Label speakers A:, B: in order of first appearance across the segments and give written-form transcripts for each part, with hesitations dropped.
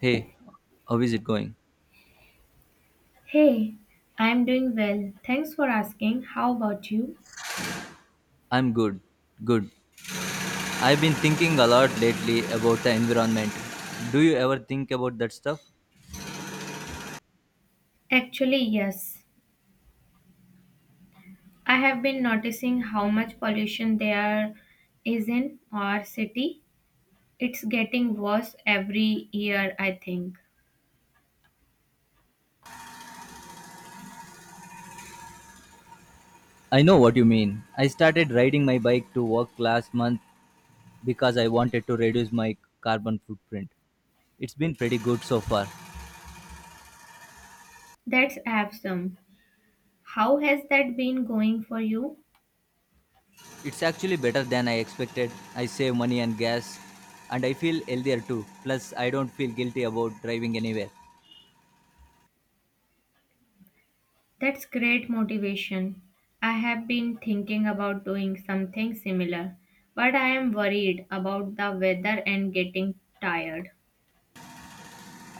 A: Hey, how is it going?
B: Hey, I'm doing well. Thanks for asking. How about you?
A: I'm good. Good. I've been thinking a lot lately about the environment. Do you ever think about that stuff?
B: Actually, yes. I have been noticing how much pollution there is in our city. It's getting worse every year, I think.
A: I know what you mean. I started riding my bike to work last month because I wanted to reduce my carbon footprint. It's been pretty good so far.
B: That's awesome. How has that been going for you?
A: It's actually better than I expected. I save money and gas, and I feel healthier too. Plus, I don't feel guilty about driving anywhere.
B: That's great motivation. I have been thinking about doing something similar, but I am worried about the weather and getting tired.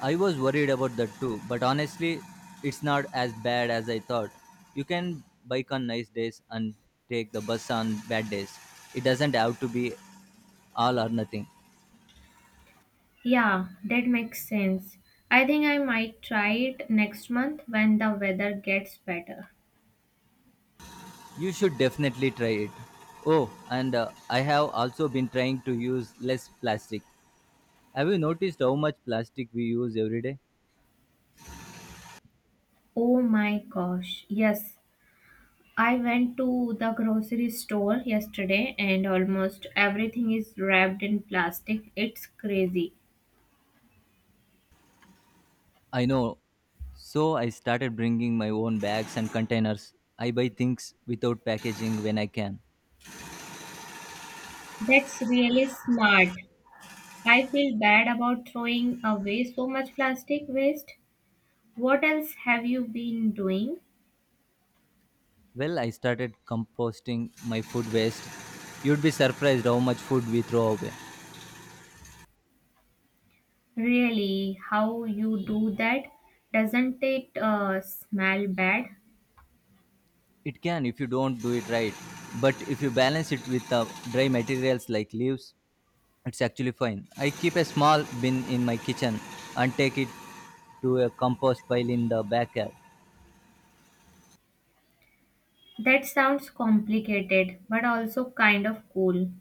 A: I was worried about that too, but honestly, it's not as bad as I thought. You can bike on nice days and take the bus on bad days. It doesn't have to be all or nothing.
B: Yeah, that makes sense. I think I might try it next month when the weather gets better.
A: You should definitely try it. Oh, and I have also been trying to use less plastic. Have you noticed how much plastic we use every day?
B: Oh my gosh, yes. I went to the grocery store yesterday and almost everything is wrapped in plastic. It's crazy.
A: I know. So I started bringing my own bags and containers. I buy things without packaging when I can.
B: That's really smart. I feel bad about throwing away so much plastic waste. What else have you been doing?
A: Well, I started composting my food waste. You'd be surprised how much food we throw away.
B: Really, how you do that? Doesn't it smell bad?
A: It can if you don't do it right, but if you balance it with dry materials like leaves, it's actually fine. I keep a small bin in my kitchen and take it to a compost pile in the backyard.
B: That sounds complicated, but also kind of cool.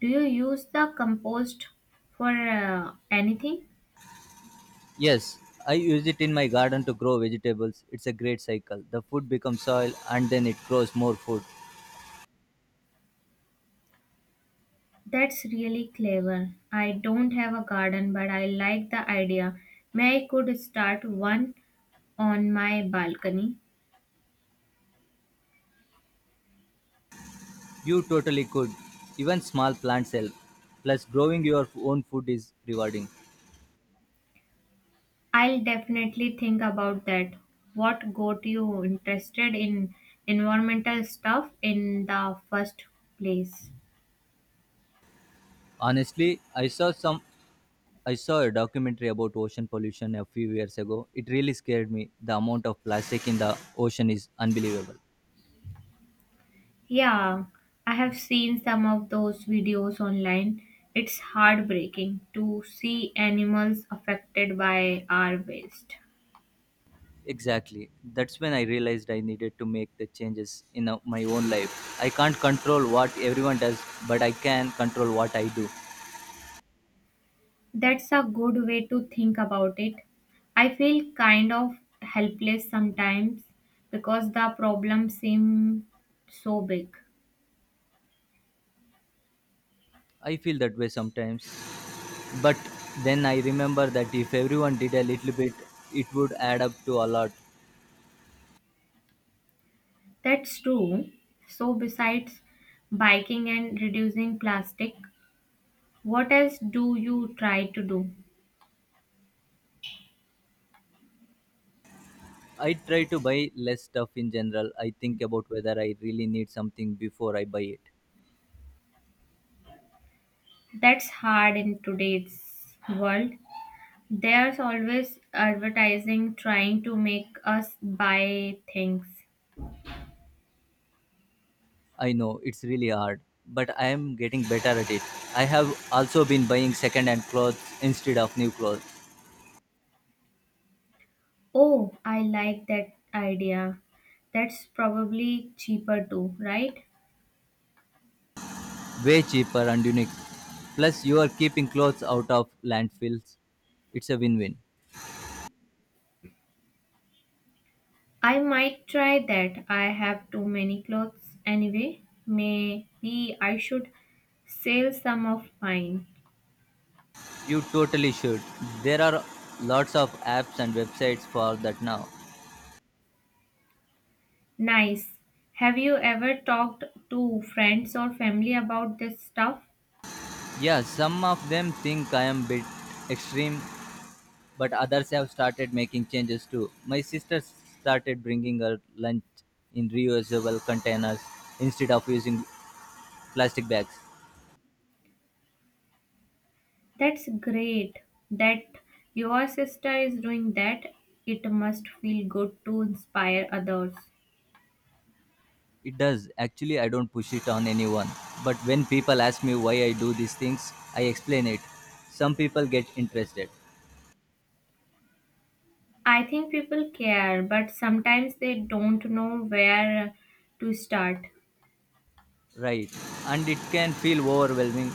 B: Do you use the compost for anything?
A: Yes, I use it in my garden to grow vegetables. It's a great cycle. The food becomes soil and then it grows more food.
B: That's really clever. I don't have a garden, but I like the idea. May I could start one on my balcony.
A: You totally could. Even small plants help. Plus, growing your own food is rewarding.
B: I'll definitely think about that. What got you interested in environmental stuff in the first place?
A: Honestly, I saw some. I saw a documentary about ocean pollution a few years ago. It really scared me. The amount of plastic in the ocean is unbelievable.
B: Yeah, I have seen some of those videos online. It's heartbreaking to see animals affected by our waste.
A: Exactly. That's when I realized I needed to make the changes in my own life. I can't control what everyone does, but I can control what I do.
B: That's a good way to think about it. I feel kind of helpless sometimes because the problem seems so big.
A: I feel that way sometimes. But then I remember that if everyone did a little bit, it would add up to a lot.
B: That's true. So, besides biking and reducing plastic, what else do you try to do?
A: I try to buy less stuff in general. I think about whether I really need something before I buy it.
B: That's hard in today's world. There's always advertising trying to make us buy things.
A: I know it's really hard, but I am getting better at it. I have also been buying second-hand clothes instead of new clothes,
B: Oh, I like that idea. That's probably cheaper too, right?
A: way cheaper and unique. Plus, you are keeping clothes out of landfills. It's a win-win.
B: I might try that. I have too many clothes anyway. Maybe I should sell some of mine.
A: You totally should. There are lots of apps and websites for that now.
B: Nice. Have you ever talked to friends or family about this stuff?
A: Yeah, some of them think I am bit extreme, but others have started making changes too. My sister started bringing her lunch in reusable containers instead of using plastic bags.
B: That's great that your sister is doing that. It must feel good to inspire others.
A: It does. Actually, I don't push it on anyone. But when people ask me why I do these things, I explain it. Some people get interested.
B: I think people care, but sometimes they don't know where to start.
A: Right. And it can feel overwhelming,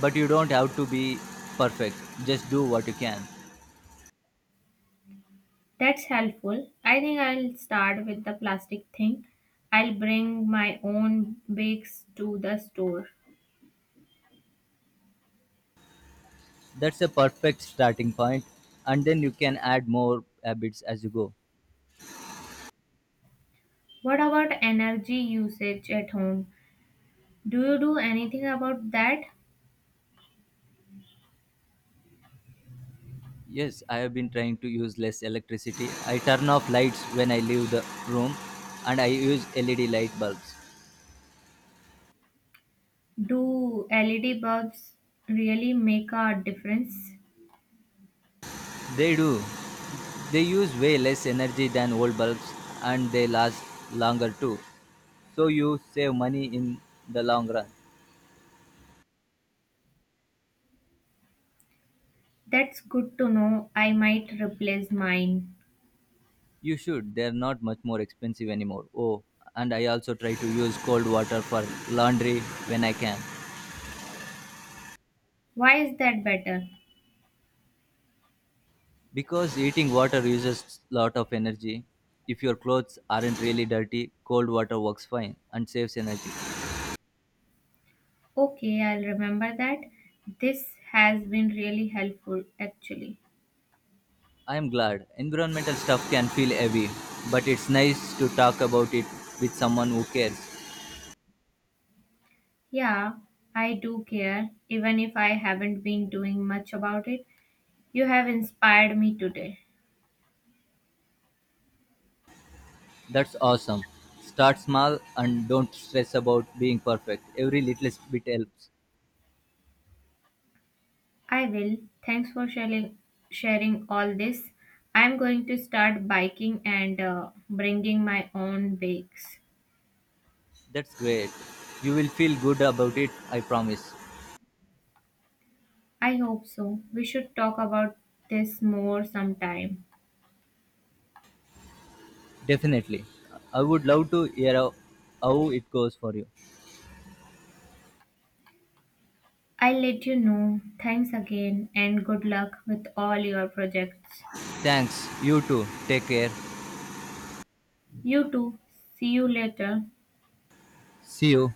A: but you don't have to be perfect. Just do what you can.
B: That's helpful. I think I'll start with the plastic thing. I'll bring my own bags to the store.
A: That's a perfect starting point, and then you can add more habits as you go.
B: What about energy usage at home? Do you do anything about that?
A: Yes, I have been trying to use less electricity. I turn off lights when I leave the room, and I use LED light bulbs.
B: Do LED bulbs really make a difference?
A: They do. They use way less energy than old bulbs, and they last longer too. So you save money in the long run.
B: That's good to know. I might replace mine.
A: You should. They're not much more expensive anymore. Oh, and I also try to use cold water for laundry when I can.
B: Why is that better?
A: Because eating water uses lot of energy. If your clothes aren't really dirty, cold water works fine and saves energy.
B: Okay, I'll remember that. This has been really helpful, actually.
A: I am glad environmental stuff can feel heavy, but it's nice to talk about it with someone who cares.
B: Yeah, I do care, even if I haven't been doing much about it. You have inspired me today.
A: That's awesome. Start small and don't stress about being perfect. Every little bit helps.
B: I will. Thanks for sharing all this. I'm going to start biking and bringing my own bakes.
A: That's great. You will feel good about it, I promise.
B: I hope so. We should talk about this more sometime.
A: Definitely. I would love to hear how it goes for you.
B: I'll let you know. Thanks again and good luck with all your projects.
A: Thanks. You too. Take care.
B: You too. See you later.
A: See you.